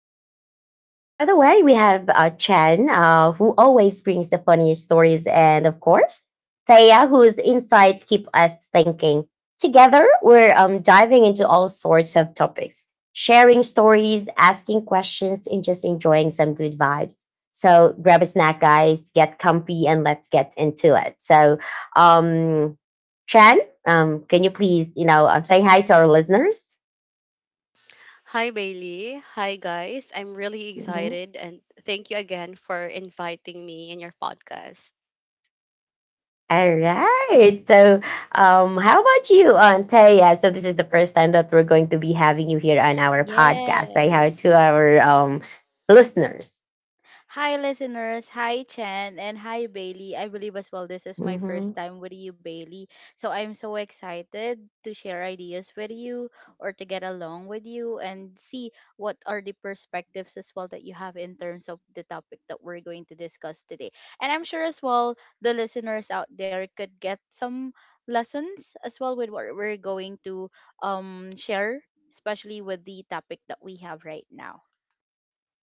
here. And by the way, we have Chen, who always brings the funniest stories, and of course, Thea, whose insights keep us thinking. Together, we're diving into all sorts of topics, sharing stories, asking questions, and just enjoying some good vibes. So grab a snack, guys, get comfy, and let's get into it. Um, Chan, can you please, say hi to our listeners? Hi, Bailey. Hi, guys. I'm really Mhm. excited and thank you again for inviting me in your podcast. All right. How about you, Aunt Taya? So, this is the first time that we're going to be having you here on our podcast. Say hi to Yes. our listeners. Hi, listeners. Hi, Chen. And hi, Bailey. I believe as well this is my first time with you, Bailey. So I'm so excited to share ideas with you, or to get along with you and see what are the perspectives as well that you have in terms of the topic that we're going to discuss today. And I'm sure as well the listeners out there could get some lessons as well with what we're going to share, especially with the topic that we have right now.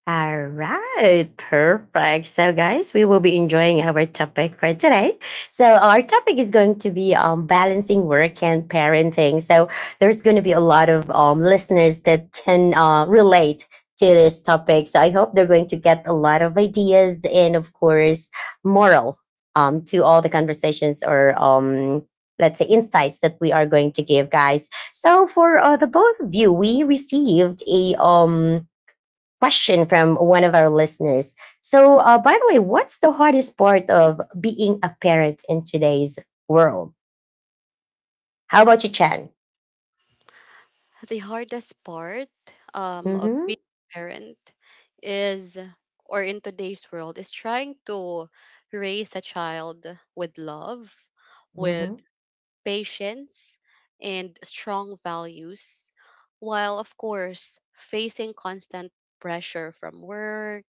All right, perfect. So, guys, we will be enjoying our topic for today. So, our topic is going to be balancing work and parenting. So, there's going to be a lot of listeners that can relate to this topic. So, I hope they're going to get a lot of ideas and, of course, moral to all the conversations or let's say insights that we are going to give, guys. So, for the both of you, we received a question from one of our listeners. So, by the way, what's the hardest part of being a parent in today's world? How about you, Chan? The hardest part of Mm-hmm. being a parent is, or in today's world, is trying to raise a child with love, with. Mm-hmm. Patience, and strong values, while, of course, facing constant pressure from work,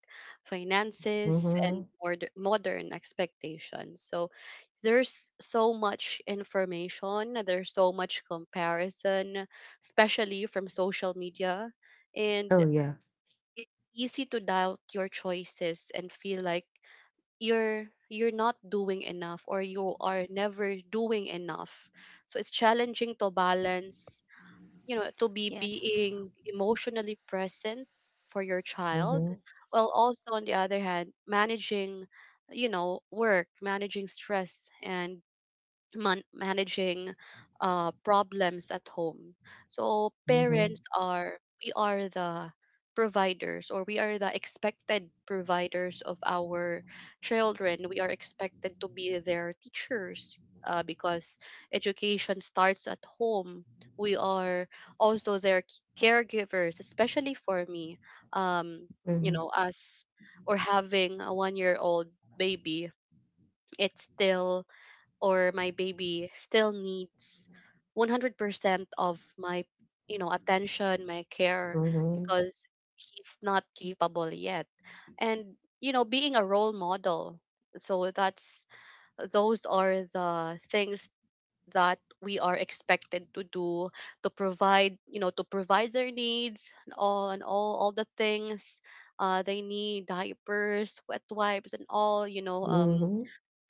finances, and Mm-hmm. more modern expectations. So there's so much information, there's so much comparison, especially from social media, Oh and yeah. it's easy to doubt your choices and feel like you're not doing enough or you are never doing enough, so it's challenging to balance, you know, to be Yes. being emotionally present for your child, Mm-hmm. while also on the other hand managing, you know, work, managing stress, and managing problems at home. So Mm-hmm. parents are, we are the providers, or we are the expected providers of our children. We are expected to be their teachers because education starts at home. We are also their caregivers, especially for me. Um, you know, Mm-hmm. us, or having a 1 year old baby, it's still, or my baby still needs 100% of my, you know, attention, my care, Mm-hmm. because he's not capable yet, and, you know, being a role model. So that's those are the things that we are expected to do, to provide, you know, to provide their needs, and all the things they need: diapers, wet wipes, and all, you know, Mm-hmm.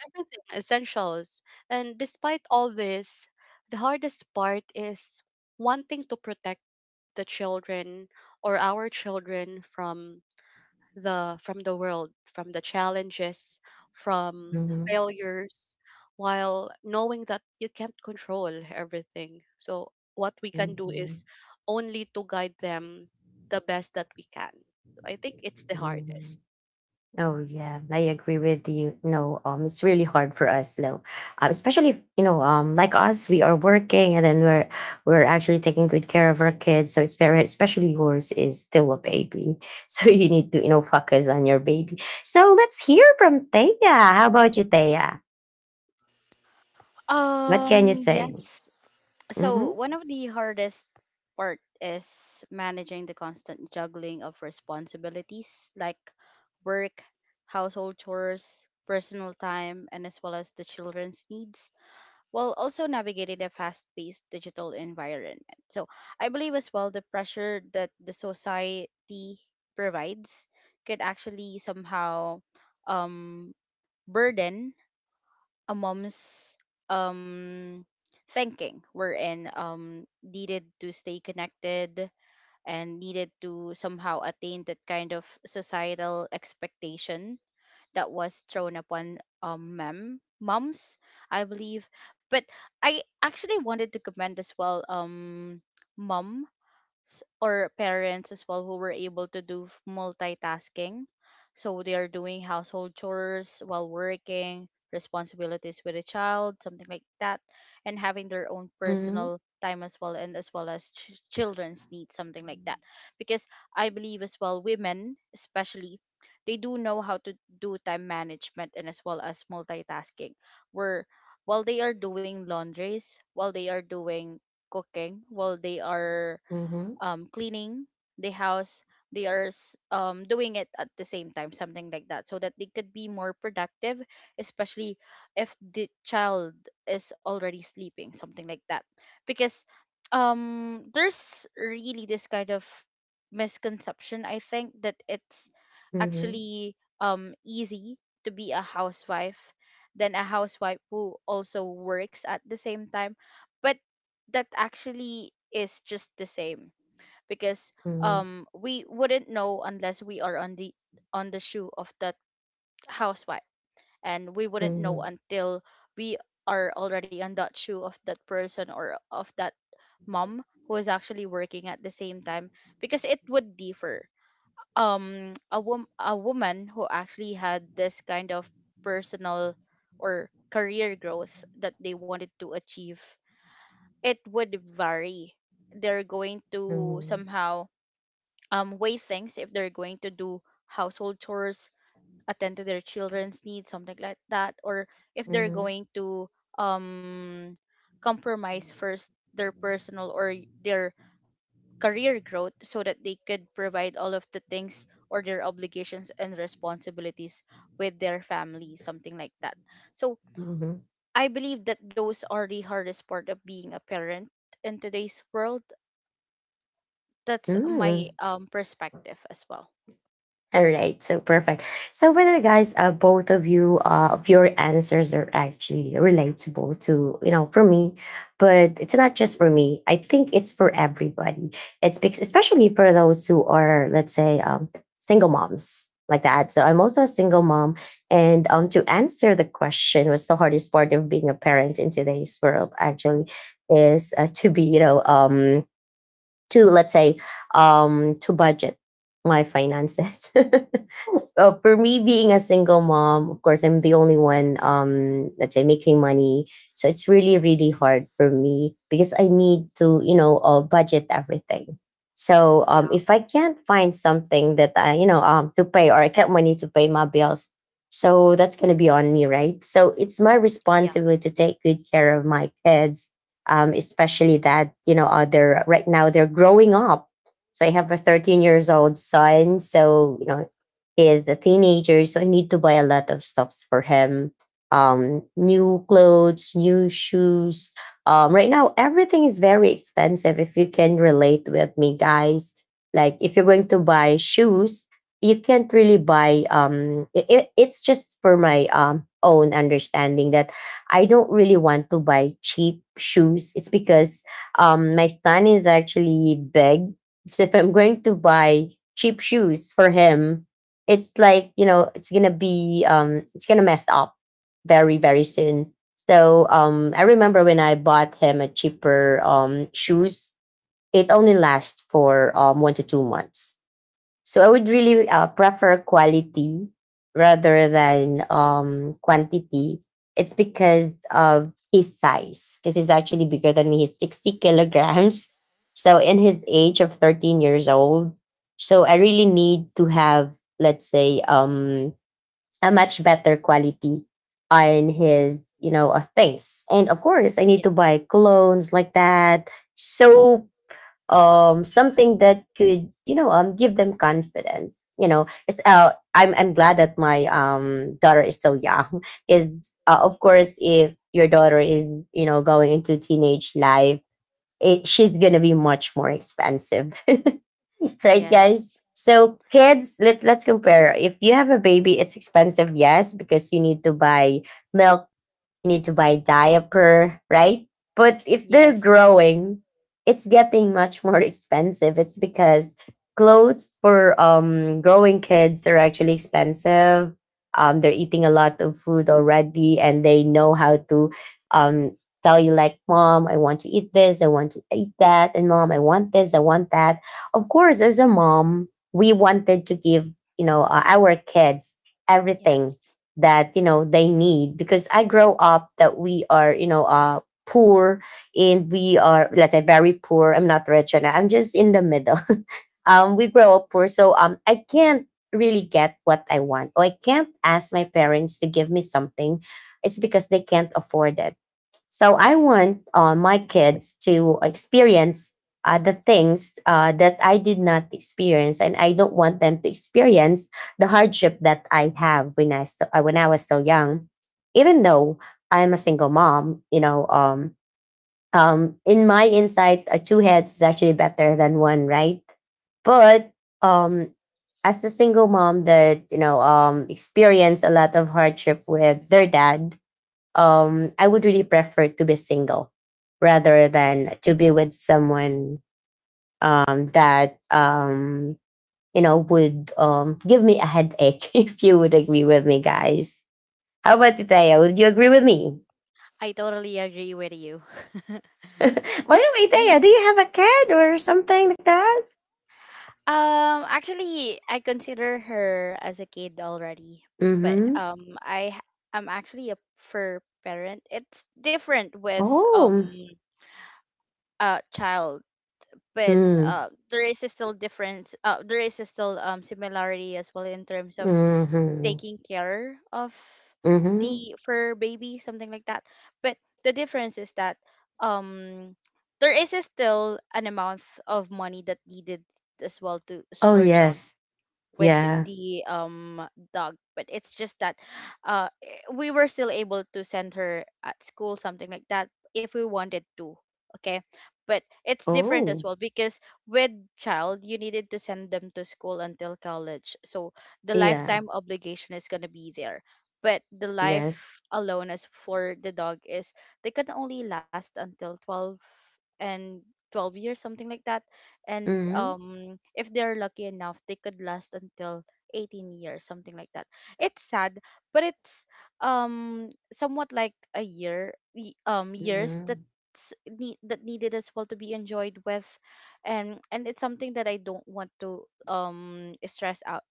everything, essentials. And despite all this, the hardest part is wanting to protect the children, or our children, from the world, from the challenges, from Mm-hmm. failures, while knowing that you can't control everything. So what we can do is only to guide them the best that we can. So I think it's the Mm-hmm. hardest. Oh yeah, I agree with you. No, it's really hard for us, no, especially if, like us, we are working and then we're actually taking good care of our kids. So it's very, especially yours is still a baby, so you need to you know focus on your baby. So let's hear from Thea. How about you, Thea? What can Um, you say? yes. So Mm-hmm. one of the hardest part is managing the constant juggling of responsibilities like work, household chores, personal time, and as well as the children's needs, while also navigating a fast-paced digital environment. So I believe as well the pressure that the society provides could actually somehow um burden a mom's um thinking, wherein needed to stay connected and needed to somehow attain that kind of societal expectation that was thrown upon mem moms, I believe. But I actually wanted to comment as well, mom s- or parents as well who were able to do multitasking. So they are doing household chores while working, responsibilities with a child, something like that, and having their own Mm-hmm. personal time as well, and as well as children's needs, something like that, because I believe as well women especially, they do know how to do time management and as well as multitasking, where while they are doing laundries, while they are doing cooking, while they are cleaning the house. They are doing it at the same time, something like that, so that they could be more productive, especially if the child is already sleeping, something like that. Because there's really this kind of misconception, I think, that it's Mm-hmm. actually easy to be a housewife than a housewife who also works at the same time. But that actually is just the same, because Mm-hmm. We wouldn't know unless we are on the shoe of that housewife, and we wouldn't Mm-hmm. know until we are already on that shoe of that person or of that mom who is actually working at the same time, because it would differ. A woman who actually had this kind of personal or career growth that they wanted to achieve, it would vary. They're going to Mm-hmm. somehow weigh things if they're going to do household chores, attend to their children's needs, something like that, or if they're Mm-hmm. going to um, compromise first their personal or their career growth so that they could provide all of the things or their obligations and responsibilities with their family, something like that. So I believe that those are the hardest part of being a parent in today's world. That's my Mm-hmm. Perspective as well. All right, so perfect. So, by the way, guys, both of you, of your answers are actually relatable to, you know, for me, but it's not just for me. I think it's for everybody. It's because, especially for those who are, let's say, single moms like that. So, I'm also a single mom. And to answer the question, what's the hardest part of being a parent in today's world, actually, is to be, to, let's say, to budget my finances. For me being a single mom, of course, I'm the only one let's say making money. So it's really, really Yes. hard for me because I need to, budget everything. So if I can't find something that I, to pay or I can't money to pay my bills, so that's gonna be on me, right? So it's my Yeah. responsibility to take good care of my kids. Especially that, they're right now they're growing up. So I have a 13 years old son. So, you know, is the teenager, so I need to buy a lot of stuffs for him. New clothes, new shoes. Right now, everything is very expensive. If you can relate with me, guys, like if you're going to buy shoes, you can't really buy. It's just for my own understanding that I don't really want to buy cheap shoes. It's because my son is actually big, so if I'm going to buy cheap shoes for him, it's like you know it's gonna be it's gonna mess up very, very soon. So I remember when I bought him a cheaper shoes, it only lasts for 1 to 2 months. So I would really prefer quality rather than quantity. It's because of his size, because he's actually bigger than me. He's 60 kilograms. So in his age of 13 years old, so I really need to have, let's say, a much better quality on his, things. And of course, I need to Yes. buy clones like that. So something that could you know give them confidence you know it's, I'm glad that my daughter is still young. is Of course, if your daughter is you know going into teenage life, she's gonna be much more expensive. Right guys? Yes. So kids, let's compare. If you have a baby, it's expensive, yes, because you need to buy milk, you need to buy diaper, right? But if they're Yes. growing, it's getting much more expensive. It's because clothes for growing kids they're actually expensive. They're eating a lot of food already, and they know how to um tell you like, "Mom, I want to eat this. I want to eat that," and "Mom, I want this. I want that." Of course, as a mom, we wanted to give you know our kids everything Yes. that you know they need because I grow up that we are you know poor, and we are let's say very poor. I'm not rich and I'm just in the middle. We grow up poor, so I can't really get what I want or I can't ask my parents to give me something. It's because they can't afford it. So I Yes. want my kids to experience the things that I did not experience, and I don't want them to experience the hardship that I have when when I was still young. Even though I'm a single mom, in my insight, two heads is actually better than one, right? But um, as a single mom that you know experienced a lot of hardship with their dad, I would really prefer to be single rather than to be with someone that you know would give me a headache. If you would agree with me, guys, how about Taya? Would you agree with me? I totally agree with you. By the way, Taya, do you have a cat or something like that? Actually, I consider her as a kid already, but Mm-hmm. Am actually a fur parent. It's different with Oh. a child, but Mm. there is a still difference. There is a still similarity as well in terms of Mm-hmm. taking care of Mm-hmm. the fur baby, something like that. But the difference is that um there is still an amount of money that needed as well to Oh splurge on yes. with Yeah. the dog, but it's just that we were still able to send her at school, something like that, if we wanted to, okay. But it's different as Oh. well because with child you needed to send them to school until college, so the Yeah. lifetime obligation is going to be there. But the Yes. life alone as for the dog is they can only last until 12 and 12 years, something like that, and Mm-hmm. If they're lucky enough they could last until 18 years, something like that. It's sad, but it's somewhat like a years that Mm-hmm. That needed as well to be enjoyed with. And it's something that I don't want to stress out,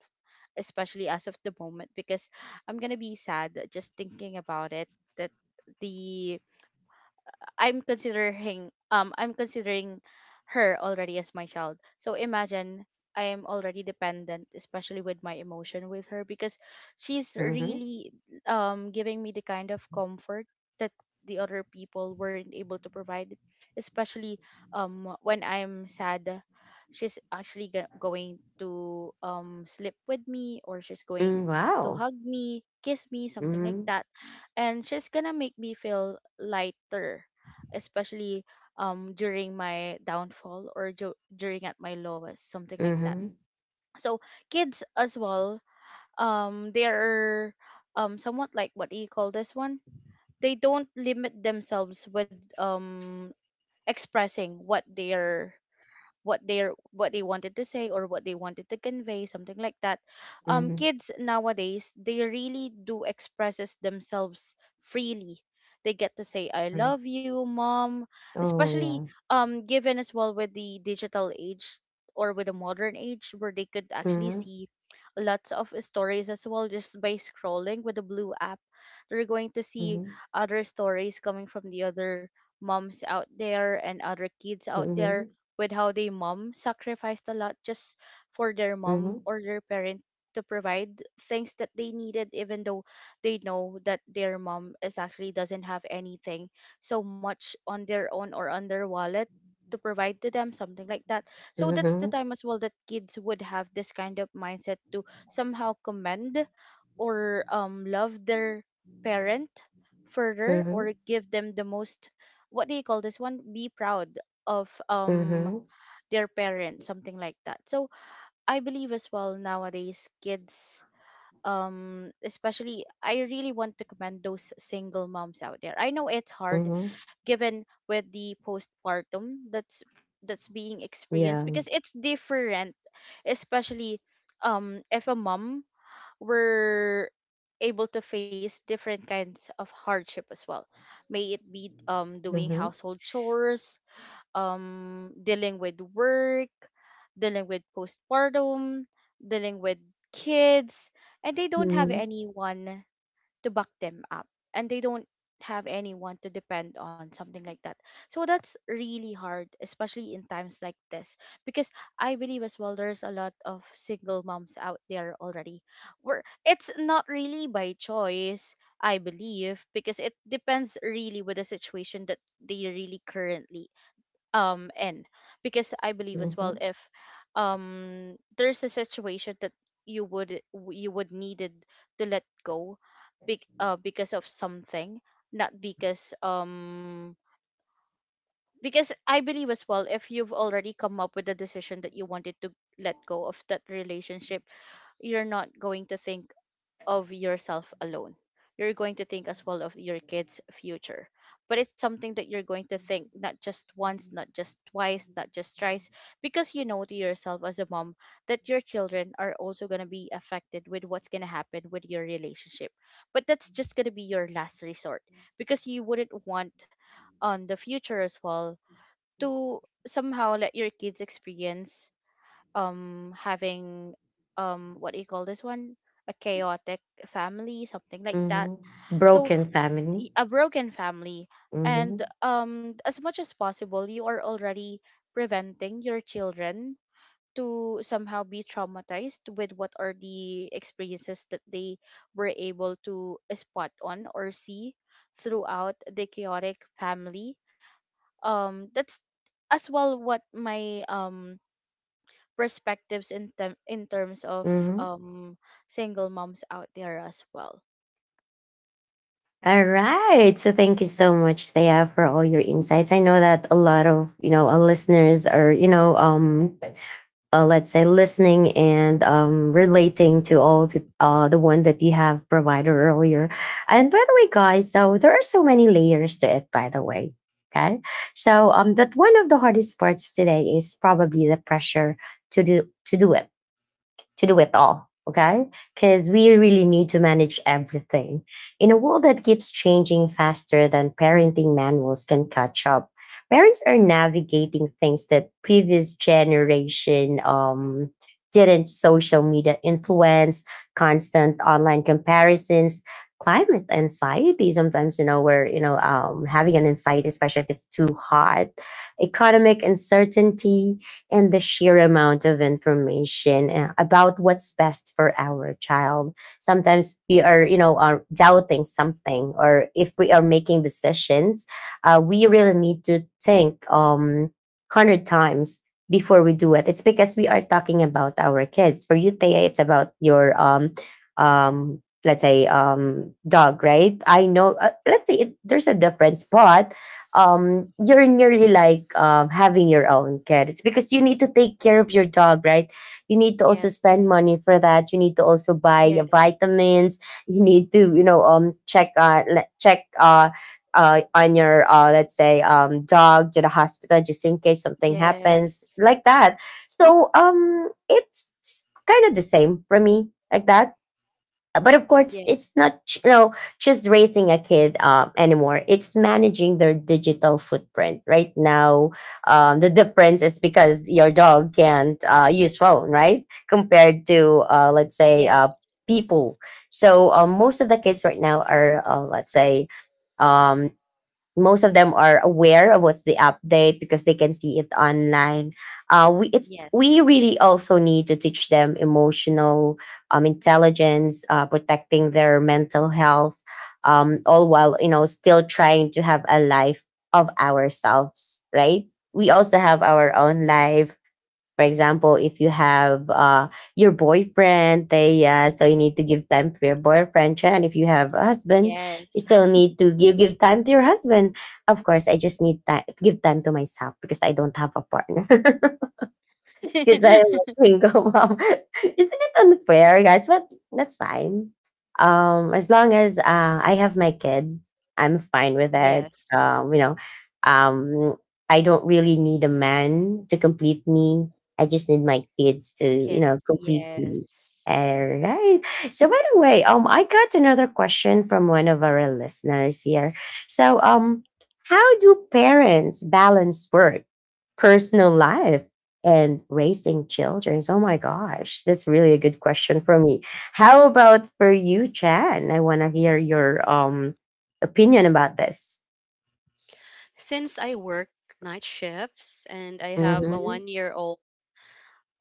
especially as of the moment, because I'm gonna be sad just thinking about it, that the I'm considering her already as my child. So imagine I am already dependent, especially with my emotion with her, because she's Mm-hmm. really giving me the kind of comfort that the other people weren't able to provide, especially when I'm sad. She's actually going to sleep with me, or she's going Mm, to wow. hug me, kiss me, something like Mhm. that, and she's gonna make me feel lighter, especially during my downfall, or during at my lowest, something like that. Mhm. So kids as well, they are somewhat like, what do you call this one, they don't limit themselves with expressing what they are, what they're, what they wanted to say or what they wanted to convey, something like that. Mhm. Kids nowadays, they really do expresses themselves freely. They get to say, "I Right. love you, Mom," especially Oh, given as well with the digital age or with the modern age, where they could yeah. actually Mhm. see lots of stories as well just by scrolling with the blue app. They're going to see Mhm. other stories coming from the other moms out there and other kids out there, Mhm. with how they mom sacrificed a lot just for their mom Mhm. or their parent to provide things that they needed, even though they know that their mom is actually doesn't have anything so much on their own or on their wallet to provide to them, something like that. So that's the Mhm. time as well that kids would have this kind of mindset to somehow commend or love their parent further, Mhm. or give them the most, what do you call this one, be proud of Mhm. their parents, something like that. So I believe as well nowadays kids, especially, I really want to commend those single moms out there. I know it's hard, Mhm. given with the postpartum that's being Yeah. experienced, because it's different, especially if a mom were able to face different kinds of hardship as well, may it be doing Mhm. household chores, dealing with work, dealing with postpartum, dealing with kids, and they don't have Mhm. anyone to back them up, and they don't have anyone to depend on, something like that. So that's really hard, especially in times like this, because I believe as well there's a lot of single moms out there already. Where it's not really by choice, I believe, because it depends really with the situation that they really currently in. Because I believe as well, Mhm. if there's a situation that you would you would needed to let go big, because of something, not because because I believe as well, if you've already come up with a decision that you wanted to let go of that relationship, you're not going to think of yourself alone. You're going to think as well of your kids' future. But it's something that you're going to think not just once, not just twice, not just thrice, because you know to yourself as a mom that your children are also going to be affected with what's going to happen with your relationship. But that's just going to be your last resort, because you wouldn't want on the future as well to somehow let your kids experience having what do you call this one, a chaotic family, something like that. Mhm. So Broken family. A broken family. And Mhm. As much as possible, you are already preventing your children to somehow be traumatized with what are the experiences that they were able to spot on or see throughout the chaotic family. That's as well what my perspectives in terms of Mhm. um single moms out there as well. All right. So thank you so much, Thea, for all your insights. I know that a lot of you know our listeners are you know let's say listening and relating to all the one that you have provided earlier. And by the way guys, so there are so many layers to it, by the way. Okay. So that one of the hardest parts today is probably the pressure to do to do it to do it all. Okay. Because we really need to manage everything. In a world that keeps changing faster than parenting manuals can catch up, parents are navigating things that previous generation didn't: social media influence, constant online comparisons, climate anxiety. Sometimes, we're, having an anxiety, especially if it's too hot, economic uncertainty, and the sheer amount of information about what's best for our child. Sometimes we are, you know, are doubting something, or if we are making decisions, we really need to think hundred times before we do it. It's because we are talking about our kids. For you, Thea, it's about your let's say dog, right? I know let's say there's a difference, but you're nearly like having your own cat because you need to take care of your dog, right? You need to also Yes. spend money for that. You need to also buy Yes. vitamins. You need to you know check on your let's say dog to the hospital just in case something happens Yes. like that. So it's kind of the same for me like that. But of course, it's Yes. not ch- you know just raising a kid anymore. It's managing their digital footprint. Right now, the difference is because your dog can't use phone, right? Compared to let's say Yes. people. So most of the kids right now are let's say um, most of them are aware of what's the update because they can see it online. We Yes. really also need to teach them emotional intelligence, protecting their mental health, all while you know still trying to have a life of ourselves. Right? We also have our own life. For example, if you have your boyfriend, they so you need to give time for your boyfriend. And if you have a husband, you Yes. still need to give time to your husband. Of course, I just need time give time to myself because I don't have a partner. Because I'm a single mom. Isn't it unfair, guys? But that's fine. As long as I have my kid, I'm fine with it. Yes. You know, um, I don't really need a man to complete me. I just need my kids to, you know, Kids. complete me. Yes. All right. So by the way, I got another question from one of our listeners here. So how do parents balance work, personal life, and raising children. Oh my gosh, that's really a good question for me. How about for you, Chan? I want to hear your opinion about this. Since I work night shifts and I have a Mhm. 1 year old,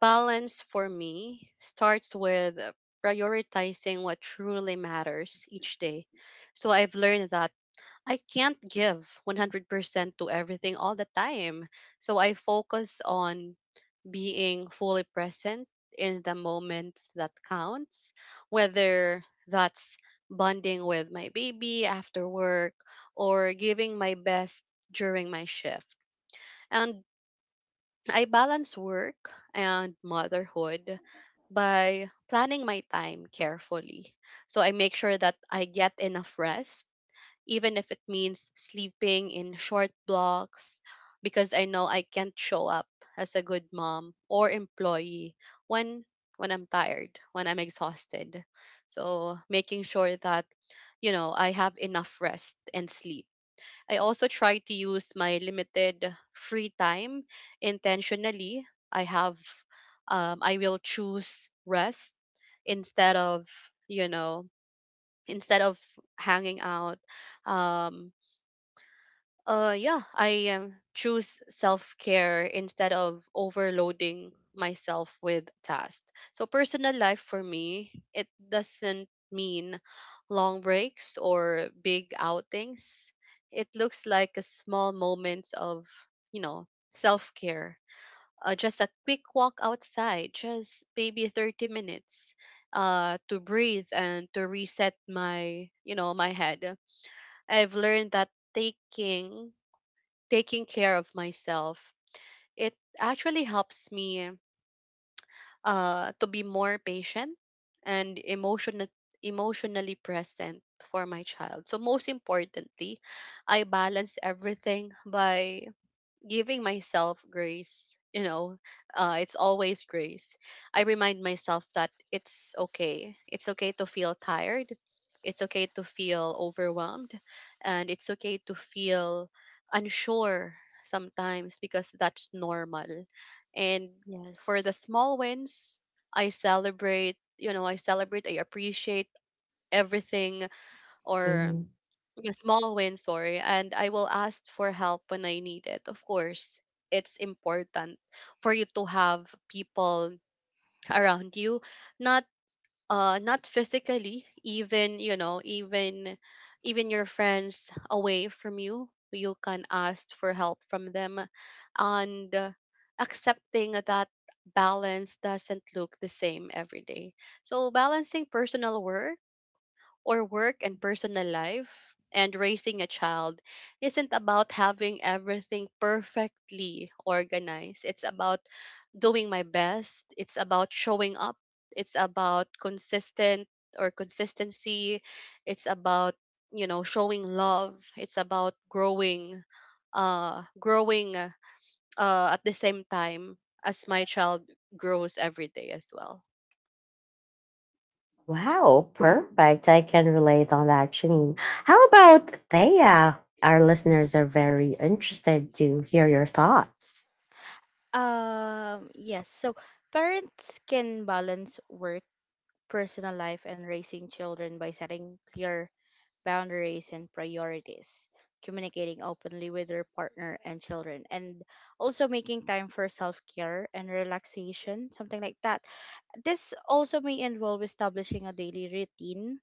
balance for me starts with prioritizing what truly matters each day. So I've learned that I can't give 100% to everything all the time. So I focus on being fully present in the moments that counts, whether that's bonding with my baby after work or giving my best during my shift. And I balance work and motherhood by planning my time carefully. So I make sure that I get enough rest, even if it means sleeping in short blocks, because I know I can't show up as a good mom or employee when I'm tired, when I'm exhausted. So making sure that, you know, I have enough rest and sleep, I also try to use my limited free time intentionally. I have, I will choose rest instead of, you know, instead of hanging out. Um, yeah, I choose self care instead of overloading myself with tasks. So personal life for me, it doesn't mean long breaks or big outings. It looks like a small moments of, you know, self care. Just a quick walk outside, just maybe 30 minutes to breathe and to reset my, you know, my head. I've learned that taking care of myself, it actually helps me to be more patient and emotionally present for my child. So most importantly, I balance everything by giving myself grace. You know, it's always grace. I remind myself that it's okay, it's okay to feel tired, it's okay to feel overwhelmed, and it's okay to feel unsure sometimes, because that's normal. And for the Yes. small wins, I celebrate. You know, I celebrate, I appreciate everything, or Mhm. yeah, small win, sorry. And I will ask for help when I need it. Of course, it's important for you to have people around you, not not physically, even, you know, even your friends away from you, you can ask for help from them, and accepting that balance doesn't look the same every day. So balancing personal work, or work and personal life, and raising a child isn't about having everything perfectly organized. It's about doing my best. It's about showing up. It's about consistent, or consistency. It's about, you know, showing love. It's about growing growing at the same time as my child grows every day as well. Wow, perfect. I can relate on that, Janine. How about Thea? Our listeners are very interested to hear your thoughts. Yes. So parents can balance work, personal life, and raising children by setting clear boundaries and priorities, communicating openly with your partner and children, and also making time for self care and relaxation, something like that. This also may involve establishing a daily routine,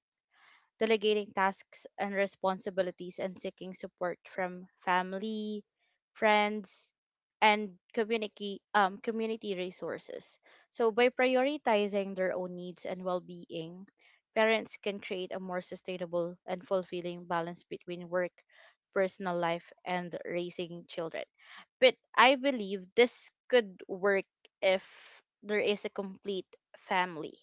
delegating tasks and responsibilities, and seeking support from family, friends, and community community resources. So by prioritizing their own needs and well-being, parents can create a more sustainable and fulfilling balance between work, personal life, and raising children. But I believe this could work if there is a complete family.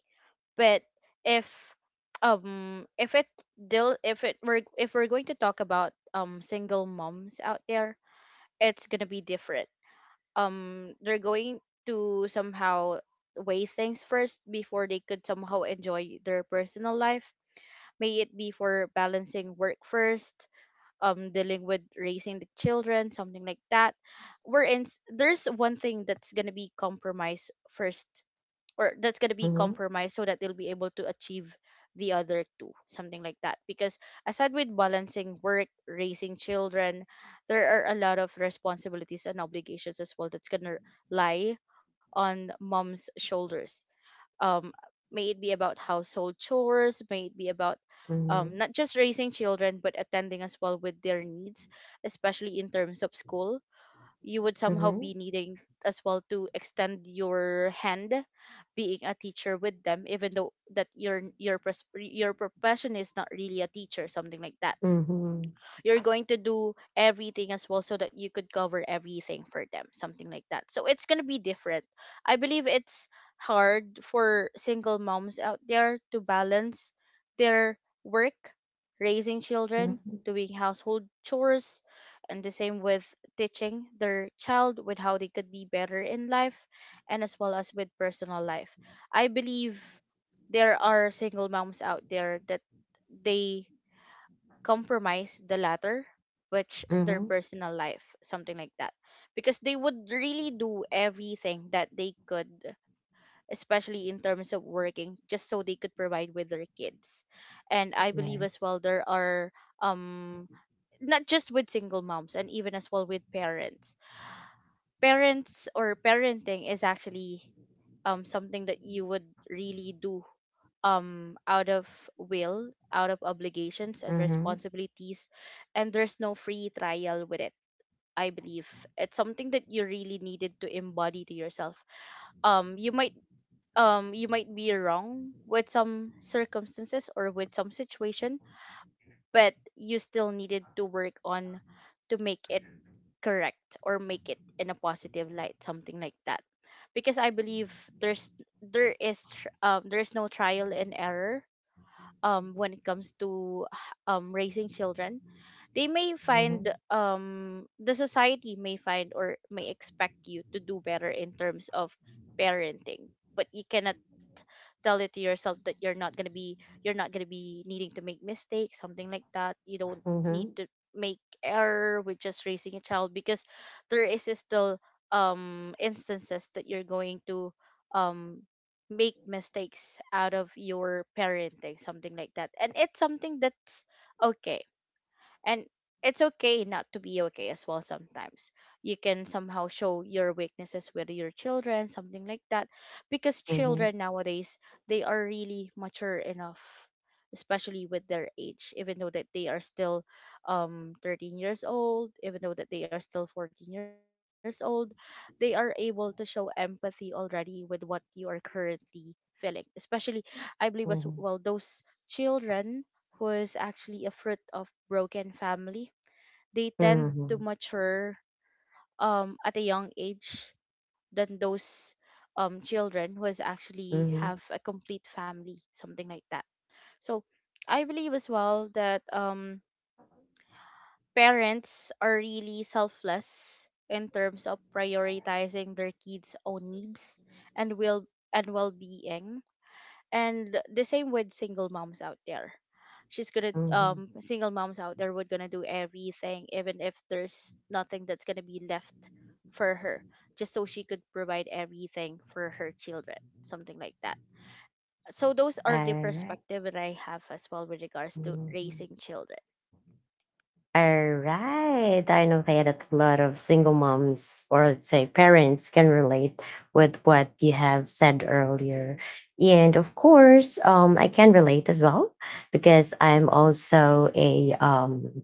But if if it deal if it we're if we're going to talk about single moms out there, it's gonna be different. They're going to somehow weigh things first before they could somehow enjoy their personal life, may it be for balancing work first, dealing with raising the children, something like that. There's one thing that's gonna be compromised first, or that's going to be Mm-hmm, compromised so that they'll be able to achieve the other two, something like that. Because aside with balancing work, raising children, there are a lot of responsibilities and obligations as well that's going to lie on mom's shoulders. um may it be about household chores, may it be about mm-hmm, not just raising children but attending as well with their needs, especially in terms of school. You would somehow mm-hmm, be needing as well to extend your hand, being a teacher with them, even though that your profession is not really a teacher, something like that. mm-hmm, You're going to do everything as well so that you could cover everything for them, something like that, so it's going to be different. I believe it's hard for single moms out there to balance their work, raising children, mm-hmm, doing household chores, and the same with teaching their child with how they could be better in life, and as well as with personal life. I believe there are single moms out there that they compromise the latter, which their mm-hmm. personal life, something like that, because they would really do everything that they could, especially in terms of working, just so they could provide with their kids. And I believe as well Yes. there are um not just with single moms and even as well with parents. Parents or parenting is actually something that you would really do out of will, out of obligations and Mm-hmm, responsibilities, and there's no free trial with it. I believe it's something that you really needed to embody to yourself. You might you might be wrong with some circumstances or with some situation, but you still needed to work on to make it correct or make it in a positive light, something like that. Because I believe there's there is tr- there's no trial and error, when it comes to raising children. They may find, mm-hmm, the society may find or may expect you to do better in terms of parenting, but you cannot tell it to yourself that you're not going to be needing to make mistakes, something like that. You don't mm-hmm, need to make error with just raising a child, because there is still instances that you're going to um make mistakes out of your parenting, something like that. And it's something that's okay, and it's okay not to be okay as well sometimes. You can somehow show your weaknesses with your children, something like that, because mm-hmm, children nowadays, they are really mature enough, especially with their age. Even though that they are still 13 years old, even though that they are still 14 years old, they are able to show empathy already with what you are currently feeling. Especially, I believe as well, those children was actually a fruit of broken family. They tend to mhm, mature at a young age than those children who was actually mhm, have a complete family, something like that. So I believe as well that, parents are really selfless in terms of prioritizing their kids' own needs and will and well-being, and the same with single moms out there. She's gonna mhm. Single moms out there would gonna do everything even if there's nothing that's gonna be left for her, just so she could provide everything for her children, something like that. So those are the Alright. perspective that I have as well with regards to Mhm. raising children. Alright. I know that a lot of single moms, or let's say parents, can relate with what you have said earlier. And of course, I can relate as well because I'm also a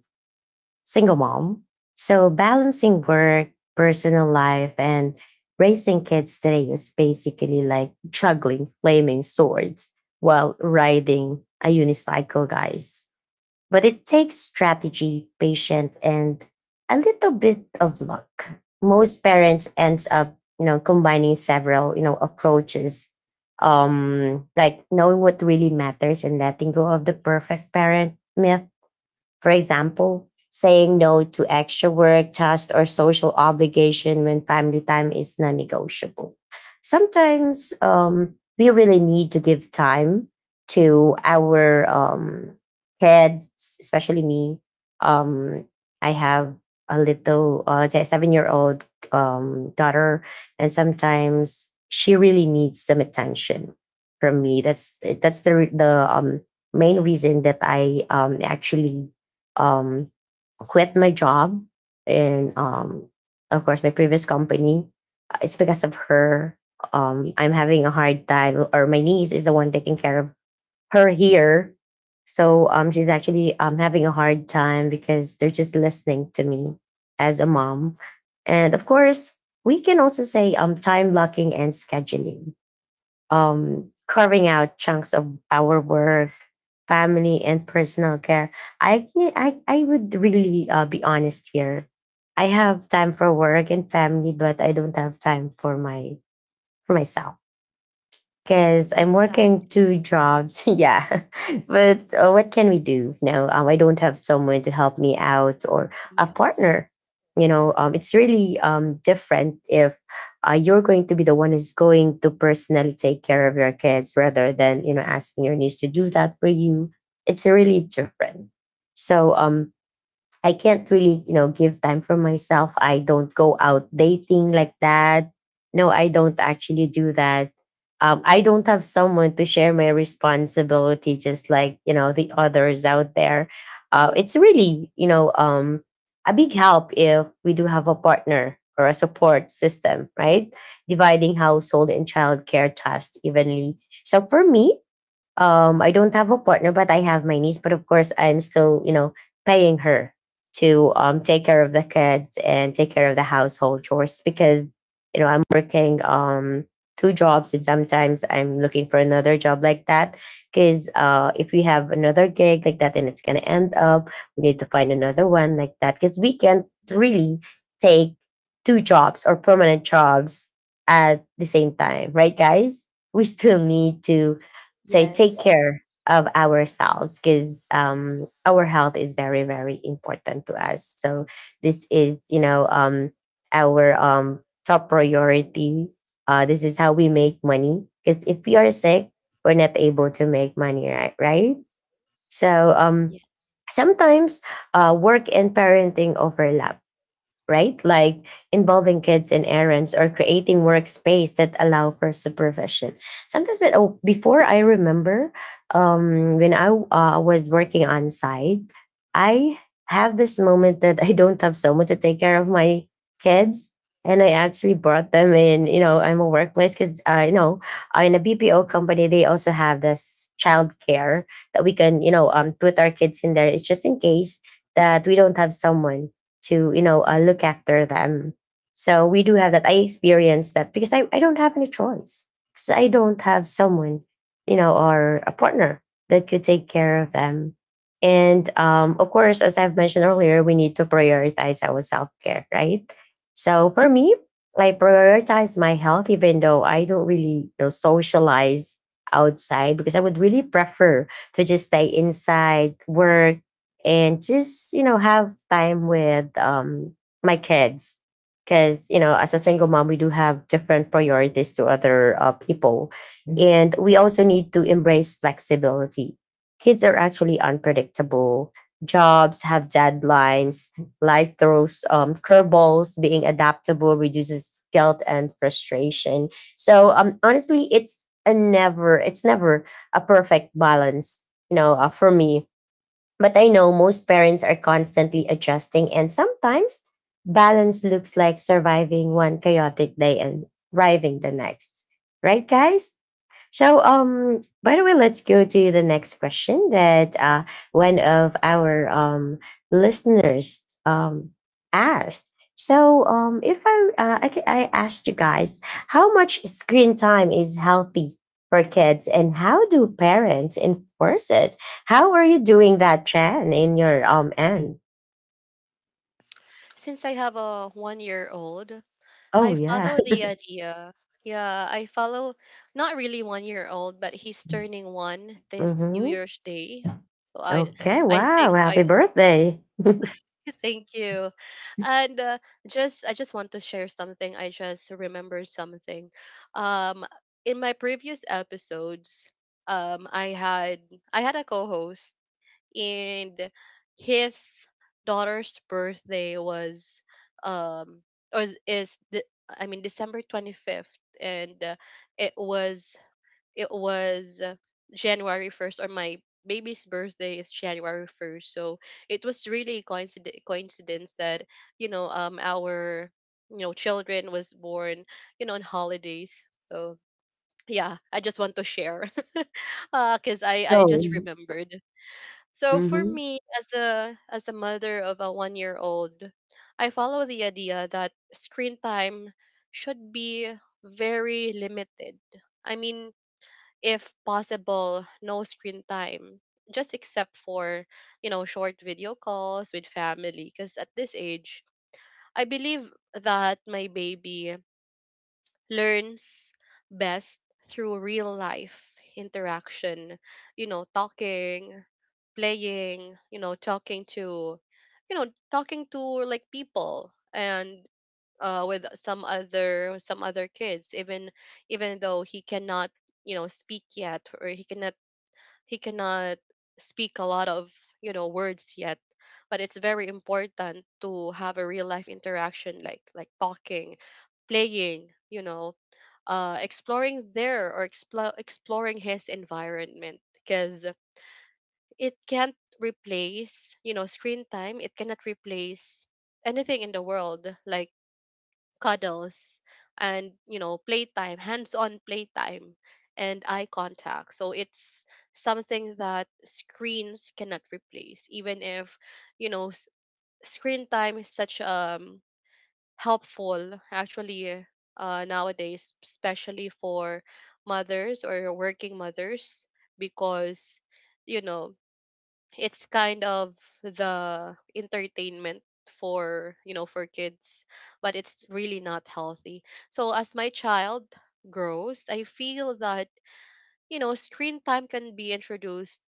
single mom. So balancing work, personal life, and raising kids today is basically like juggling flaming swords while riding a unicycle, guys. But it takes strategy, patience, and a little bit of luck. Most parents end up, you know, combining several, you know, approaches. Like knowing what really matters and letting go of the perfect parent myth, for example, saying no to extra work, tasks, or social obligation when family time is non negotiable. Sometimes we really need to give time to our kids, especially me. Um, I have a little 7 year old daughter, and sometimes she really needs some attention from me. That's the main reason that I actually um, quit my job and of course my previous company. It's because of her. I'm having a hard time, or my niece is the one taking care of her here. So she's actually having a hard time because they're just listening to me as a mom. And of course, we can also say time blocking and scheduling, carving out chunks of our work, family, and personal care. I I would really be honest here. I have time for work and family, but I don't have time for my for myself because I'm That's sad. working two jobs. yeah, but what can we do? No, I don't have someone to help me out or a Yes. partner. You know, it's really different if you're going to be the one who's going to personally take care of your kids rather than, you know, asking your niece to do that for you. It's really different. So I can't really, you know, give time for myself. I don't go out dating like that. No, I don't actually do that. I don't have someone to share my responsibility, just like, you know, the others out there. It's really a big help if we do have a partner or a support system, right? Dividing household and childcare tasks evenly. So for me, I don't have a partner but I have my niece, but of course I'm still, you know, paying her to take care of the kids and take care of the household chores because, you know, I'm working two jobs, and sometimes I'm looking for another job like that. Because if we have another gig like that and it's gonna end up, we need to find another one like that, because we can't really take two jobs or permanent jobs at the same time, right, guys? We still need to so take Yes. care of ourselves because, our health is very, very important to us. So this is, you know, our top priority. This is how we make money. Because if we are sick, we're not able to make money, right? Right. So Yes. sometimes work and parenting overlap, right? Like involving kids in errands or creating workspace that allow for supervision. Sometimes, but oh, before I remember, when I was working on site, I have this moment that I don't have someone to take care of my kids. And I actually brought them in, you know, I'm a workplace because, you know, in a BPO company, they also have this childcare that we can, you know, put our kids in there. It's just in case that we don't have someone to, you know, look after them. So we do have that. I experienced that because I don't have any choice, because I don't have someone, you know, or a partner that could take care of them. And of course, as I've mentioned earlier, we need to prioritize our self-care, right? So for me, I prioritize my health, even though I don't really, you know, socialize outside, because I would really prefer to just stay inside work and just, you know, have time with my kids, because, you know, as a single mom we do have different priorities to other people. Mhm. And we also need to embrace flexibility. Kids are actually unpredictable, jobs have deadlines, life throws curveballs. Being adaptable reduces guilt and frustration. So honestly, it's never a perfect balance, you know, for me. But I know most parents are constantly adjusting, and sometimes balance looks like surviving one chaotic day and thriving the next. Right, guys? So, by the way, let's go to the next question that one of our listeners asked. So, if I asked you guys, how much screen time is healthy for kids, and how do parents enforce it? How are you doing that, Chan, in your end? Since I have a 1 year old, Oh I yeah. follow the idea. Yeah, I follow, not really 1 year old, but he's turning one this New hmm Year's Day. So I Okay. I Wow. think I Happy birthday. thank you. And just I just want to share something. I just remembered something. Um in my previous episodes, um I had I had a co-host, and his daughter's birthday um was is the I mean December 25th, and it was it was January 1st, or my baby's birthday is January 1st. So it was really coincidence that, you know, our, you know, children was born, you know, on holidays. So yeah, I just want to share because I just so. remembered. So for Mm-hmm. me, as a mother of a 1 year old, I follow the idea that screen time should be very limited. I mean, if possible, no screen time, just except for, you know, short video calls with family. Because at this age, I believe that my baby learns best through real life interaction, you know, talking, playing, you know, talking to like people, and with some other kids, even though he cannot, you know, speak yet, or he cannot speak a lot of, you know, words yet, but it's very important to have a real life interaction, like talking, playing, you know, exploring their, or exploring his environment, because it can't replace, you know, screen time, it cannot replace anything in the world, like cuddles, and, you know, playtime, hands-on playtime, and eye contact. So it's something that screens cannot replace, even if, you know, screen time is such helpful actually, nowadays, especially for mothers or working mothers, because, you know, it's kind of the entertainment for, you know, for kids, but it's really not healthy. So as my child grows, I feel that, you know, screen time can be introduced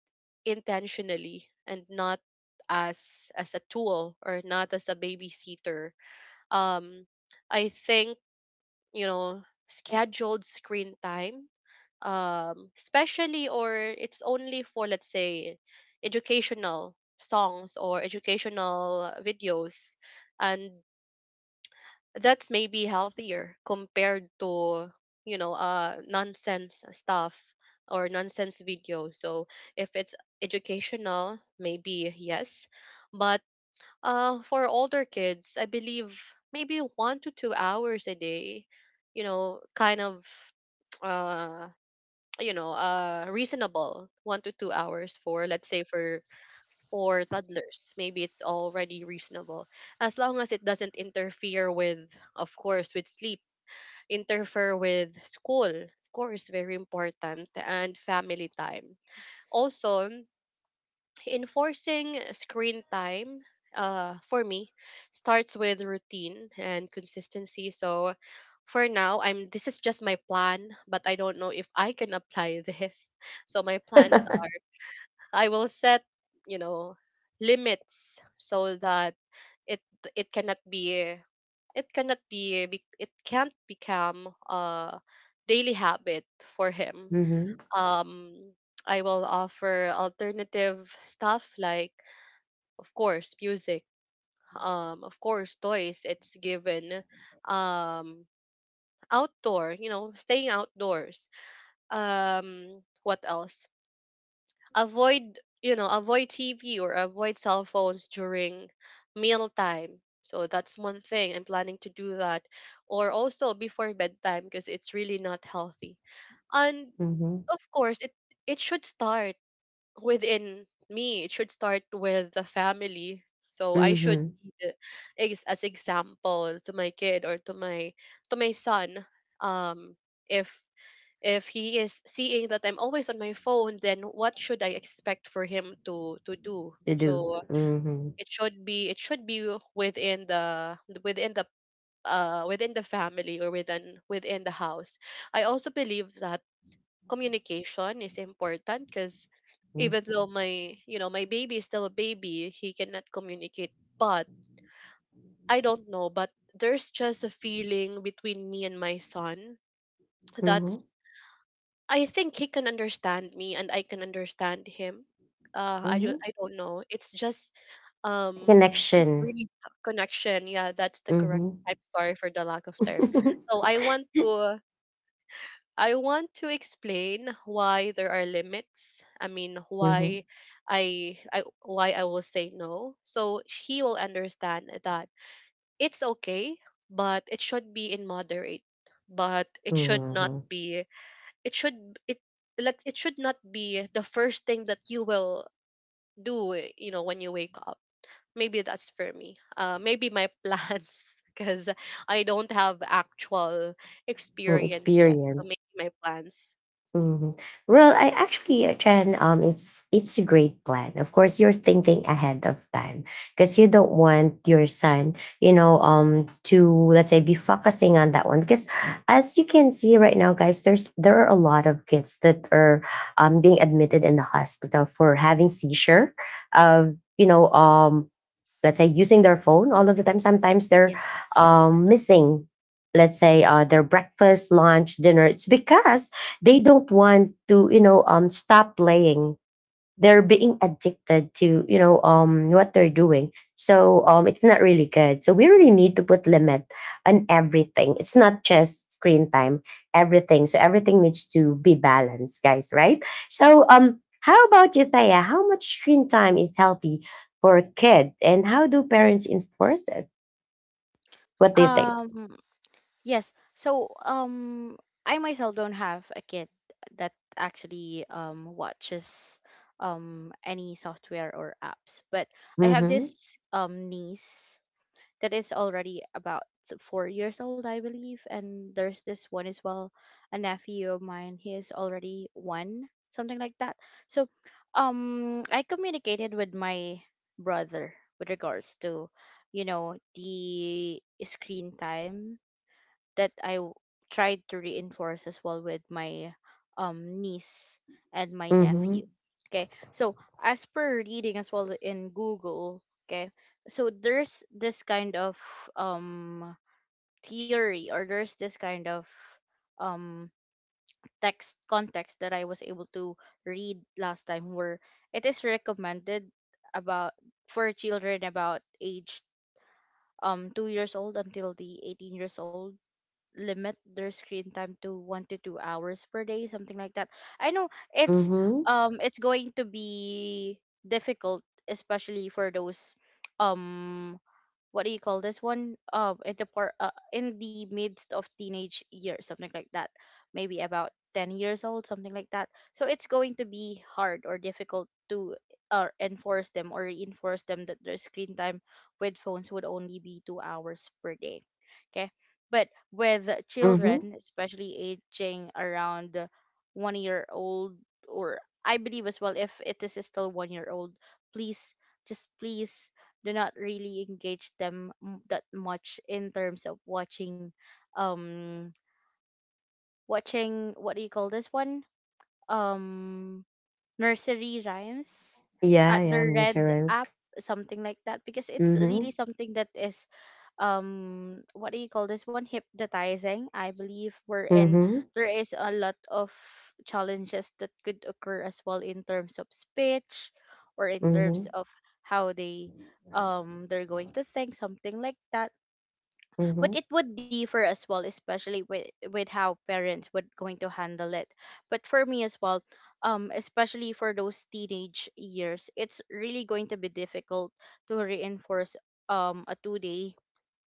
intentionally, and not as a tool, or not as a babysitter. um I think, you know, scheduled screen time, especially, or it's only for, let's say, educational songs or educational videos, and that's maybe healthier compared to, you know, nonsense stuff, or nonsense video. So if it's educational, maybe yes, but for older kids, I believe maybe 1 to 2 hours a day, you know, kind of, uh, reasonable 1 to 2 hours for, let's say, for toddlers. Maybe it's already reasonable, as long as it doesn't interfere with, of course, with sleep, interfere with school, of course, very important, and family time. Yes. Also, enforcing screen time, for me, starts with routine and consistency. So for now, I'm, this is just my plan, but I don't know if I can apply this. So my plans are, I will set, you know, limits, so that it it cannot be it cannot be be- it can't become a daily habit for him. Mm-hmm. Um I will offer alternative stuff, like, of course, music, of course, toys, it's given, um outdoor, you know, staying outdoors, what else, avoid, you know, avoid tv, or avoid cell phones during meal time, so that's one thing I'm planning to do that, or also before bedtime, because it's really not healthy. And Mhm, of course, it should start within me. It should start with the family. So I should mhm, be the, as example to my kid, or to my son. Um, if if he is seeing that I'm always on my phone, then what should I expect for him to do? you do. So Mhm, it should be within the within the within the family, or within the house. I also believe that communication is important, because even mhm, though my, you know, my baby is still a baby, he cannot communicate, but I don't know, but there's just a feeling between me and my son, that's, mhm, I think he can understand me, and I can understand him, mhm. I don't know, it's just um there's Connection. really a connection. Yeah, that's the correct, Mhm. I'm sorry for the lack of term. So I want to explain why there are limits. I mean, Mhm, why I will say no. So he will understand that it's okay, but it should be in moderate. But it should not mhm, be. It should it let it should not be the first thing that you will do. You know, when you wake up. Maybe that's for me. Maybe my plans, because I don't have actual mhm. experience yet. So Experience. maybe my plans. Mhm. Well, I actually, Chen, it's a great plan. Of course, you're thinking ahead of time because you don't want your son, you know, to let's say be focusing on that one. Because as you can see right now, guys, there's there are a lot of kids that are being admitted in the hospital for having seizure, of, you know, let's say using their phone all of the time. Sometimes they're Yes. Missing, let's say, their breakfast, lunch, dinner. It's because they don't want to, you know, stop playing, they're being addicted to, you know, what they're doing. So it's not really good, so we really need to put limit on everything. It's not just screen time, everything. So everything needs to be balanced, guys, right? So how about you, Thaya? How much screen time is healthy for a kid, and how do parents enforce it? What do you think? Um, yes. So, I myself don't have a kid that actually watches any software or apps, but I have Mm-hmm, this niece that is already about 4 years old, I believe. And there's this one as well, a nephew of mine. He is already one, something like that. So, I communicated with my brother with regards to, you know, the screen time that tried to reinforce as well with my niece and my mm-hmm, nephew. Okay. So as per reading as well in Google, okay, so there's this kind of um theory, or there's this kind of um text context that I was able to read last time, where it is recommended, about for children about age, 2 years old until the 18 years old, limit their screen time to 1 to 2 hours per day, something like that. I know mm-hmm, it's going to be difficult, especially for those um what do you call this one, at the part, in the midst of teenage years, something like that, maybe about 10 years old, something like that. So it's going to be hard or difficult to enforce them or reinforce them that their screen time with phones would only be 2 hours per day. Okay, but with mm-hmm, children, especially aging around 1 year old, or I believe as well if it is still 1 year old, please, just please do not really engage them that much in terms of watching, um watching what do you call this one, um nursery rhymes yeah, at the yeah, red insurance, app, something like that, because it's mm-hmm, really something that is what do you call this one, hypnotizing, I believe, wherein mm-hmm, there is a lot of challenges that could occur as well in terms of speech, or in terms mm-hmm, of how they they're going to think, something like that. But mm-hmm, it would differ as well, especially with how parents would going to handle it. But for me as well, especially for those teenage years, it's really going to be difficult to reinforce um a two day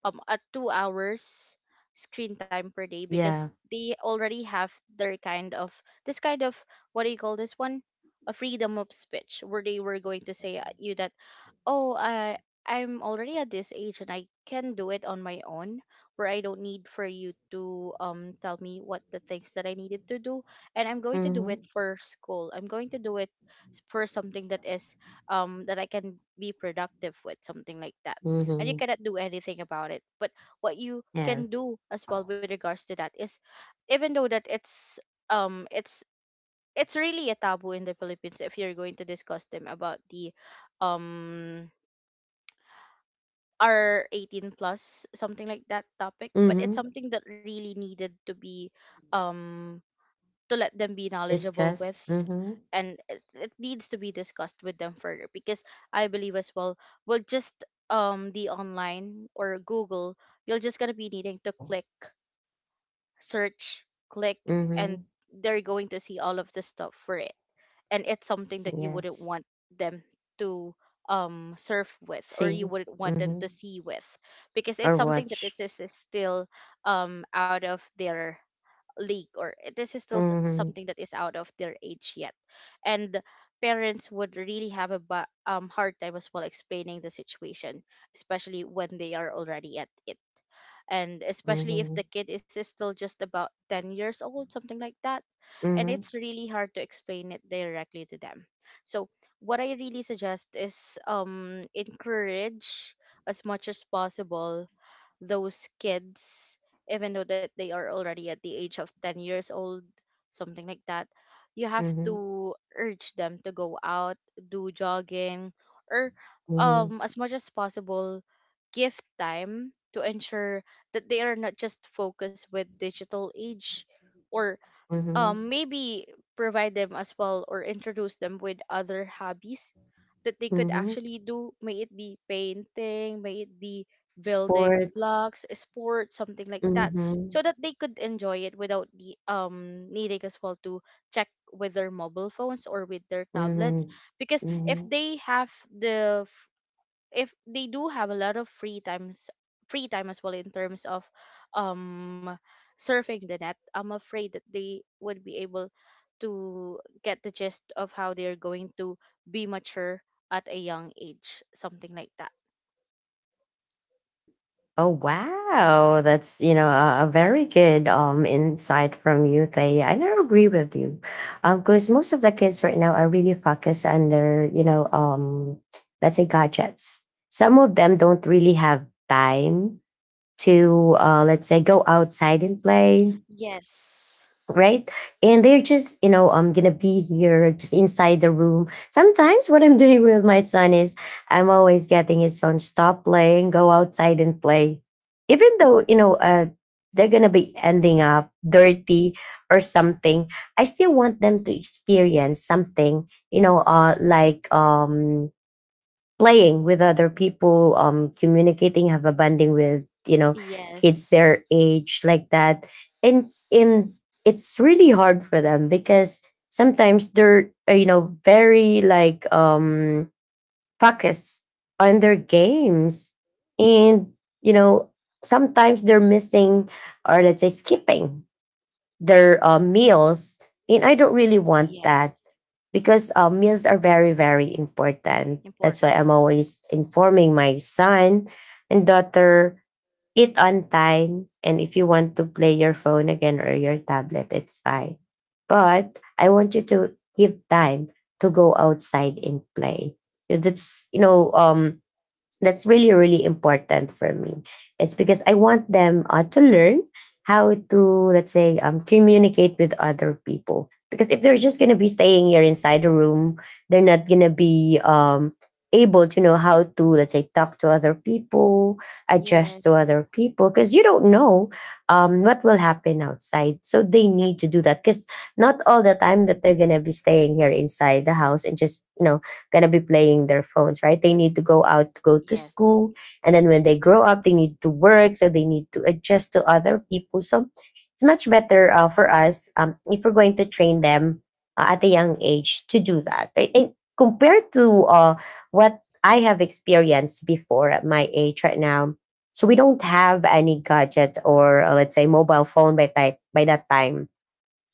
a 2 hours screen time per day, because yeah. they already have their kind of this kind of what do you call this one, a freedom of speech, where they were going to say, you that, oh, I'm already at this age and I can do it on my own, where I don't need for you to tell me what the things that I needed to do. And I'm going to do it Mhm. for school, I'm going to do it for something that is that I can be productive with, something like that, and you Mhm. cannot do anything about it. But what you Yeah. can do as well with regards to that is, even though that um it's it's really a taboo in the Philippines if you're going to discuss them about the um are 18 plus, something like that topic, but it's Mhm. something that really needed to be um to let them be knowledgeable Discuss. with. Mhm. And it needs to be discussed with them further, because I believe as well, just the online or Google, you're just going to be needing to click search, click, and Mhm. they're going to see all of the stuff for it. And it's something that you wouldn't Yes. want them to surf with, or you See. wouldn't want them to Mhm. see with, because it's Or something that watch. Is still out of their league, or this is still Mhm. something that is out of their age yet. And parents would really have a hard time as well explaining the situation, especially when they are already at it, and especially if the Mhm. kid is still just about 10 years old, something like that. And Mhm. it's really hard to explain it directly to them. So, what I really suggest is, encourage as much as possible those kids, even though that they are already at the age of 10 years old, something like that. You have Mhm. to urge them to go out, do jogging, or Mhm. As much as possible, give time to ensure that they are not just focused with digital age, or Mhm. maybe provide them as well, or introduce them with other hobbies that they could Mhm. actually do, may it be painting, may it be building Sports. blocks, sports, something like that, so Mhm. that they could enjoy it without the needing as well to check with their mobile phones or with their tablets. Mhm. Because if Mhm. they have the, if they do have a lot of free time as well in terms of um surfing the net, I'm afraid that they would be able to get the gist of how they're going to be mature at a young age, something like that. Oh wow, that's, you know, a very good insight from you, Thay. I do agree with you, because most of the kids right now are really focused on their, you know, let's say gadgets. Some of them don't really have time to, let's say, go outside and play, Yes. right? And they're just, you know, I'm gonna be here just inside the room. Sometimes what I'm doing with my son is I'm always getting his son stop playing, go outside and play. Even though, you know, they're gonna be ending up dirty or something. I still want them to experience something, you know, like playing with other people, communicating, have a bonding with, you know, kids Yes. their age like that, and it's really hard for them because sometimes they're you know, very like focused on their games, and you know sometimes they're missing, or let's say skipping, their meals, and I don't really want Yes. that because meals are very, very important. Important. That's why I'm always informing my son and daughter, eat on time, and if you want to play your phone again or your tablet it's fine, but I want you to give time to go outside and play. That's, you know, that's really, really important for me. It's because I want them to learn how to, let's say, communicate with other people. Because if they're just going to be staying here inside the room, they're not going to be able to know how to, let's say, talk to other people, adjust to Yes. other people, because you don't know what will happen outside. So they need to do that because not all the time that they're going to be staying here inside the house and just gonna be playing their phones, right? They need to go out, to go to school, Yes. and then when they grow up, they need to work, so they need to adjust to other people. So it's much better for us if we're going to train them at a young age to do that, right? And compared to what I have experienced before at my age right now. So we don't have any gadget or let's say mobile phone by, by that time.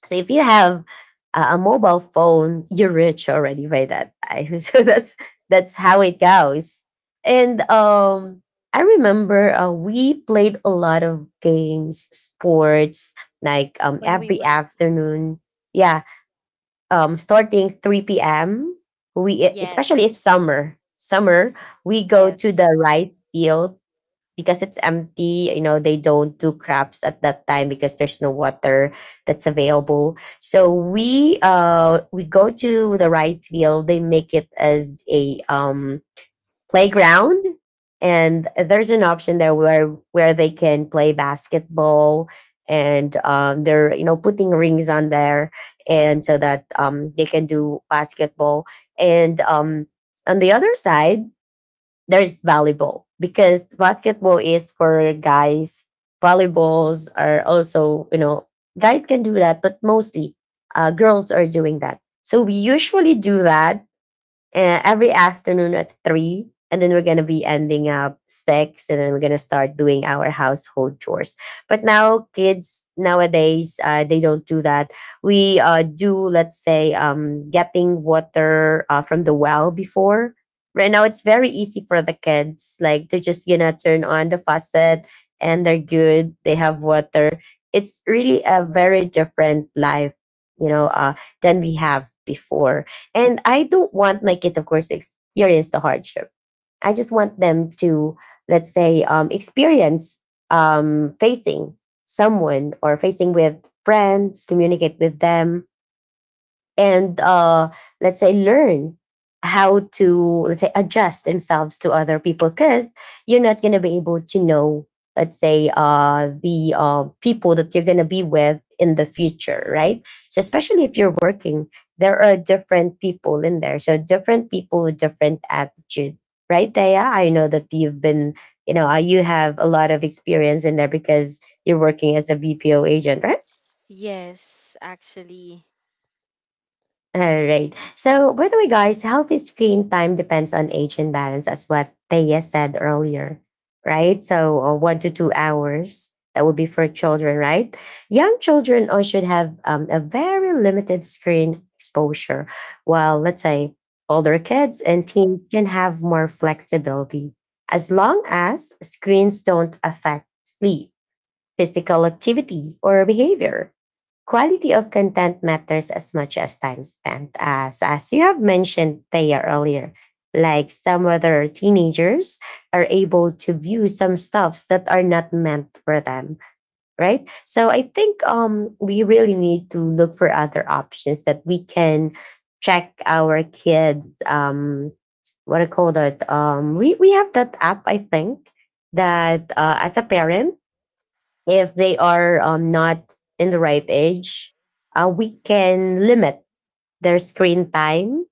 So if you have a mobile phone, you're rich already by that time. So that's how it goes. And I remember we played a lot of games, sports, like When we every were young. afternoon. Yeah, starting 3 p.m. We, especially if Yes. summer, we go to the Yes. rice field because it's empty. They don't do crabs at that time because there's no water that's available, so we go to the rice field. They make it as a playground, and there's an option there where they can play basketball, and they're putting rings on there, and so that they can do basketball. And on the other side there's volleyball because basketball is for guys. Volleyballs are also, guys can do that, but mostly girls are doing that. So we usually do that every afternoon at 3, and then we're gonna be ending up 6, and then we're gonna start doing our household chores. But now, kids nowadays, they don't do that. We do, let's say, getting water from the well before. Right now, it's very easy for the kids. Like, they're just gonna turn on the faucet, and they're good. They have water. It's really a very different life, you know, uh, than we have before, and I don't want my kid, of course, to experience the hardship. I just want them to, let's say, experience facing someone or facing with friends, communicate with them, and let's say learn how to, let's say, adjust themselves to other people, because you're not going to be able to know, let's say, the people that you're going to be with in the future, right? So especially if you're working, there are different people in there, so different people with different attitude, right, Taya? I know that you've been you know you have a lot of experience in there because you're working as a BPO agent, right? Yes, actually. All right. So, by uh, the way, guys, healthy screen time depends on age and balance, as what Thea said earlier, right? So, 1 to 2 hours, that would be for children, right? Young children should have a very limited screen exposure, while, let's say, older kids and teens can have more flexibility, as long as screens don't affect sleep, physical activity, or behavior. Quality of content matters as much as time spent, as you have mentioned, Thea, earlier. Like, some other teenagers are able to view some stuffs that are not meant for them, right? So I think we really need to look for other options that we can check our kids, what I call that, we have that app, I think, that, as a parent, if they are, not in the right age, we can limit their screen time.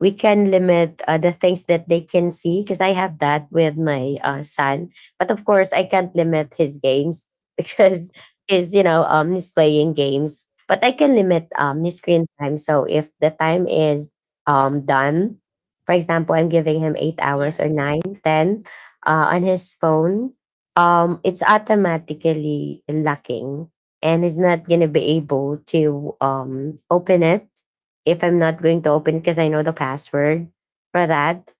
We can limit the things that they can see because I have that with my son. But of course, I can't limit his games because he's you know he's playing games. But I can limit his screen time. So if the time is done, for example, I'm giving him 8 hours or Yes. 9, 10 on his phone, it's automatically locking, and he's not gonna be able to open it if I'm not going to open, because I know the password for that.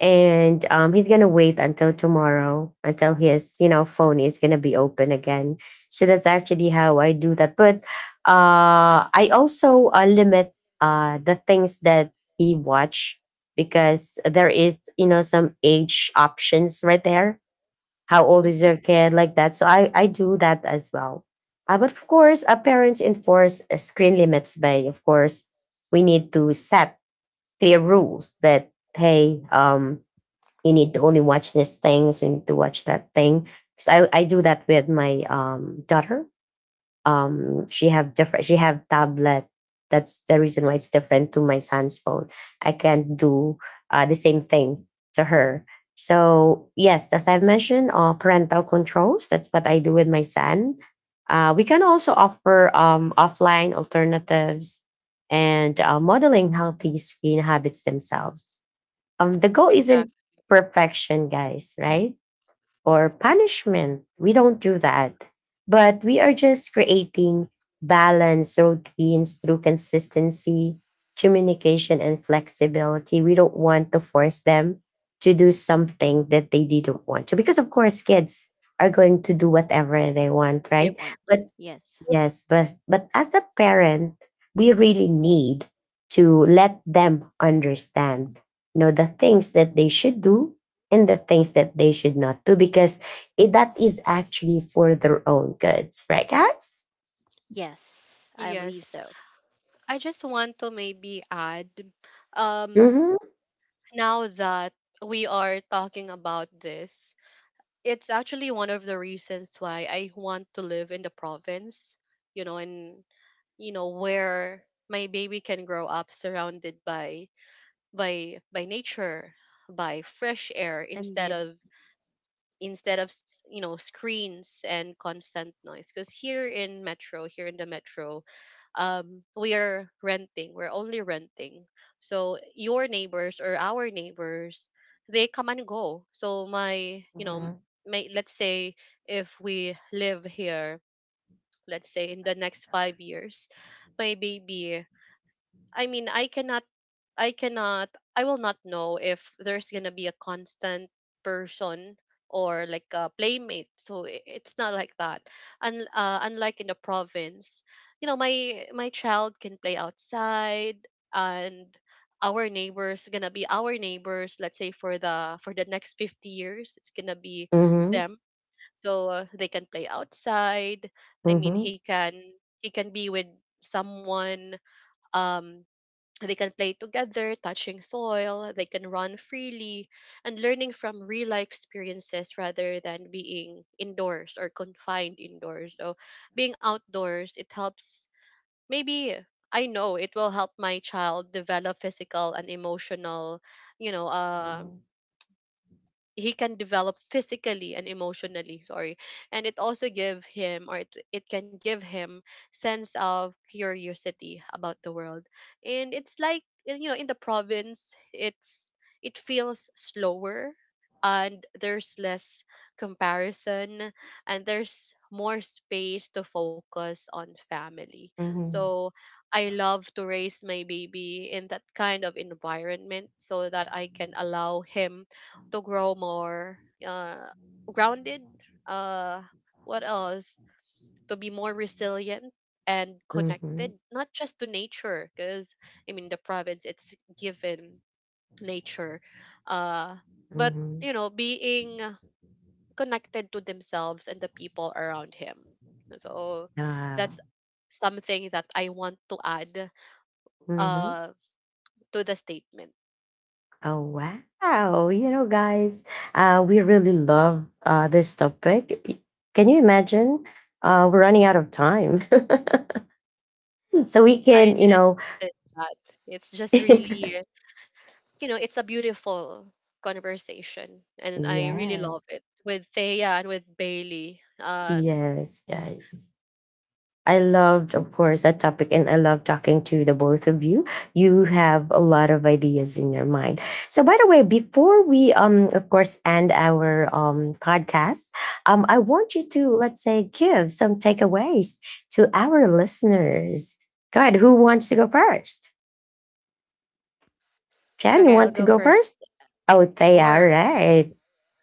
And he's gonna wait until tomorrow until his phone is gonna be open again. So that's actually how I do that. But I also limit the things that he watch because there is some age options right there, how old is your Mhm. kid like that. So I do that as well. But of course, parents enforce screen limits by, of course, we need to set clear rules, that, hey, you need to only watch these things, you need to watch that thing. So I do that with my daughter. She have tablet. That's the reason why it's different to my son's phone. I can't do the same thing to her. So yes, as I've mentioned, parental controls, that's what I do with my son. We can also offer offline alternatives and modeling healthy screen habits themselves. The goal isn't Exactly. perfection, guys, right? Or punishment. We don't do that. But we are just creating balanced routines through consistency, communication, and flexibility. We don't want to force them to do something that they didn't want to. Because, of course, kids are going to do whatever they want, They right? want. But. Yes. Yes, but as a parent, we really need to let them understand the things that they should do and the things that they should not do, because that Yes. is actually for their own goods, right, guys? Yes, I believe Yes. so. I just want to maybe add, um Mm-hmm. now that we are talking about this, it's actually one of the reasons why I want to live in the province, you know, and you know where my baby can grow up surrounded by by nature, by fresh air, And instead did. of you know, screens and constant noise. Because here in the metro, we are renting, we're only renting, so your neighbors, or our neighbors, they come and go. So my, you know, my, let's say, if we live here, let's say, in the next 5 years, my baby, I mean, I cannot, I cannot, I will not know if there's gonna be a constant person, or like a playmate. So it's not like that. And unlike in the province, you know, my child can play outside, and our neighbors gonna be our neighbors. Let's say for the next 50 years, it's gonna be Mm-hmm. them. So they can play outside. I mean, Mm-hmm. He can be with someone. um they can play together, touching soil, they can run freely, and learning from real life experiences, rather than being indoors or confined indoors. So being outdoors, it helps. Maybe I know it will help my child develop physical and emotional, you know, he can develop physically and emotionally, sorry. And it also give him, or it can give him sense of curiosity about the world. And it's like, you know, in the province, it's it feels slower, and there's less comparison, and there's more space to focus on family. Mm-hmm. So I love to raise my baby in that kind of environment, so that I can allow him to grow more uh, grounded. Uh, what else? To be more resilient and Mm-hmm. connected, not just to nature, because I mean the province, it's given nature, uh, but, Mm-hmm. you know, being connected to themselves and the people around him. So Yeah. that's something that I want to add Mm-hmm. uh, to the statement. Oh wow! You know, guys, we really love this topic. Can you imagine? We're running out of time, so we I can, didn't notice that. It's just really, you know, it's a beautiful conversation, and I really love yes, it with Thea and with Bailey. Yes, guys. I loved, of course, that topic, and I love talking to the both of you. You have a lot of ideas in your mind. So, by the way, before we, of course, end our podcast, I want you to, let's say, give some takeaways to our listeners. Go ahead. Who wants to go first? Jen, Okay, you I'll want go to go first. first? Oh, they, all Sure. right,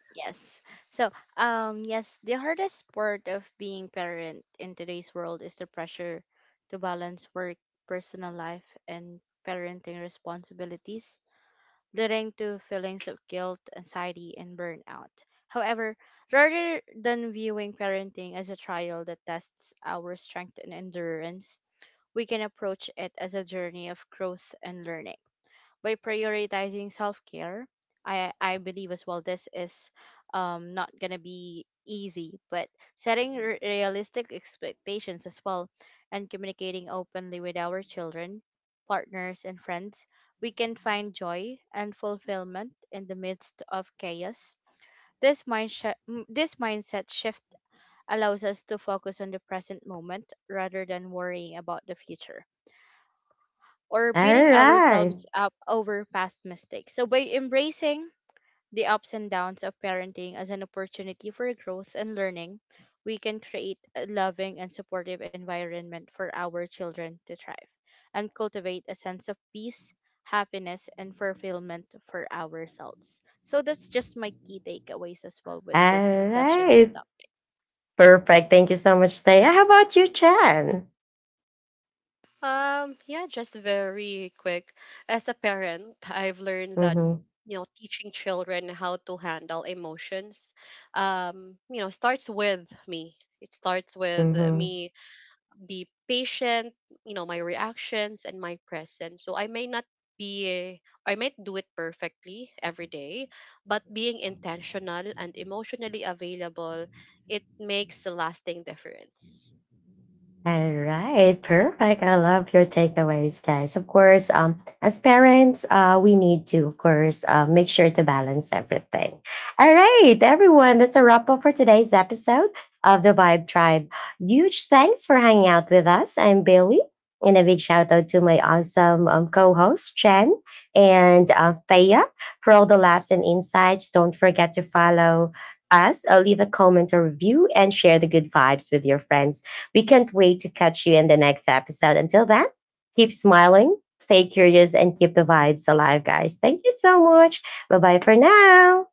Yes. So, yes, the hardest part of being parent in today's world is the pressure to balance work, personal life, and parenting responsibilities, leading to feelings of guilt, anxiety, and burnout. However, rather than viewing parenting as a trial that tests our strength and endurance, we can approach it as a journey of growth and learning by prioritizing self-care. I believe as well this is not gonna be easy, but setting realistic expectations as well, and communicating openly with our children, partners, and friends, we can find joy and fulfillment in the midst of chaos. this mindset this mindset shift allows us to focus on the present moment rather than worrying about the future, or all beating right, ourselves up over past mistakes. So, by embracing the ups and downs of parenting as an opportunity for growth and learning, we can create a loving and supportive environment for our children to thrive, and cultivate a sense of peace, happiness, and fulfillment for ourselves. So, that's just my key takeaways as well with this all session's right. topic. Perfect. Thank you so much, Thea. How about you, Chen? Yeah, just very quick. As a parent, I've learned that, Mm-hmm. you know, teaching children how to handle emotions, you know, starts with me it starts with Mm-hmm. me: be patient, you know, my reactions and my presence. So I may not be, I might do it perfectly every day, but being intentional and emotionally available, it makes a lasting difference. All right, perfect. I love your takeaways, guys. Of course, as parents, we need to, of course, make sure to balance everything. All right, everyone, that's a wrap up for today's episode of the Vibe Tribe. Huge thanks for hanging out with us. I'm Bailey, and a big shout out to my awesome co-host Chen and Thea for all the laughs and insights. Don't forget to follow us, leave a comment or review, and share the good vibes with your friends. We can't wait to catch you in the next episode. Until then, keep smiling, stay curious, and keep the vibes alive, guys. Thank you so much. Bye bye for now.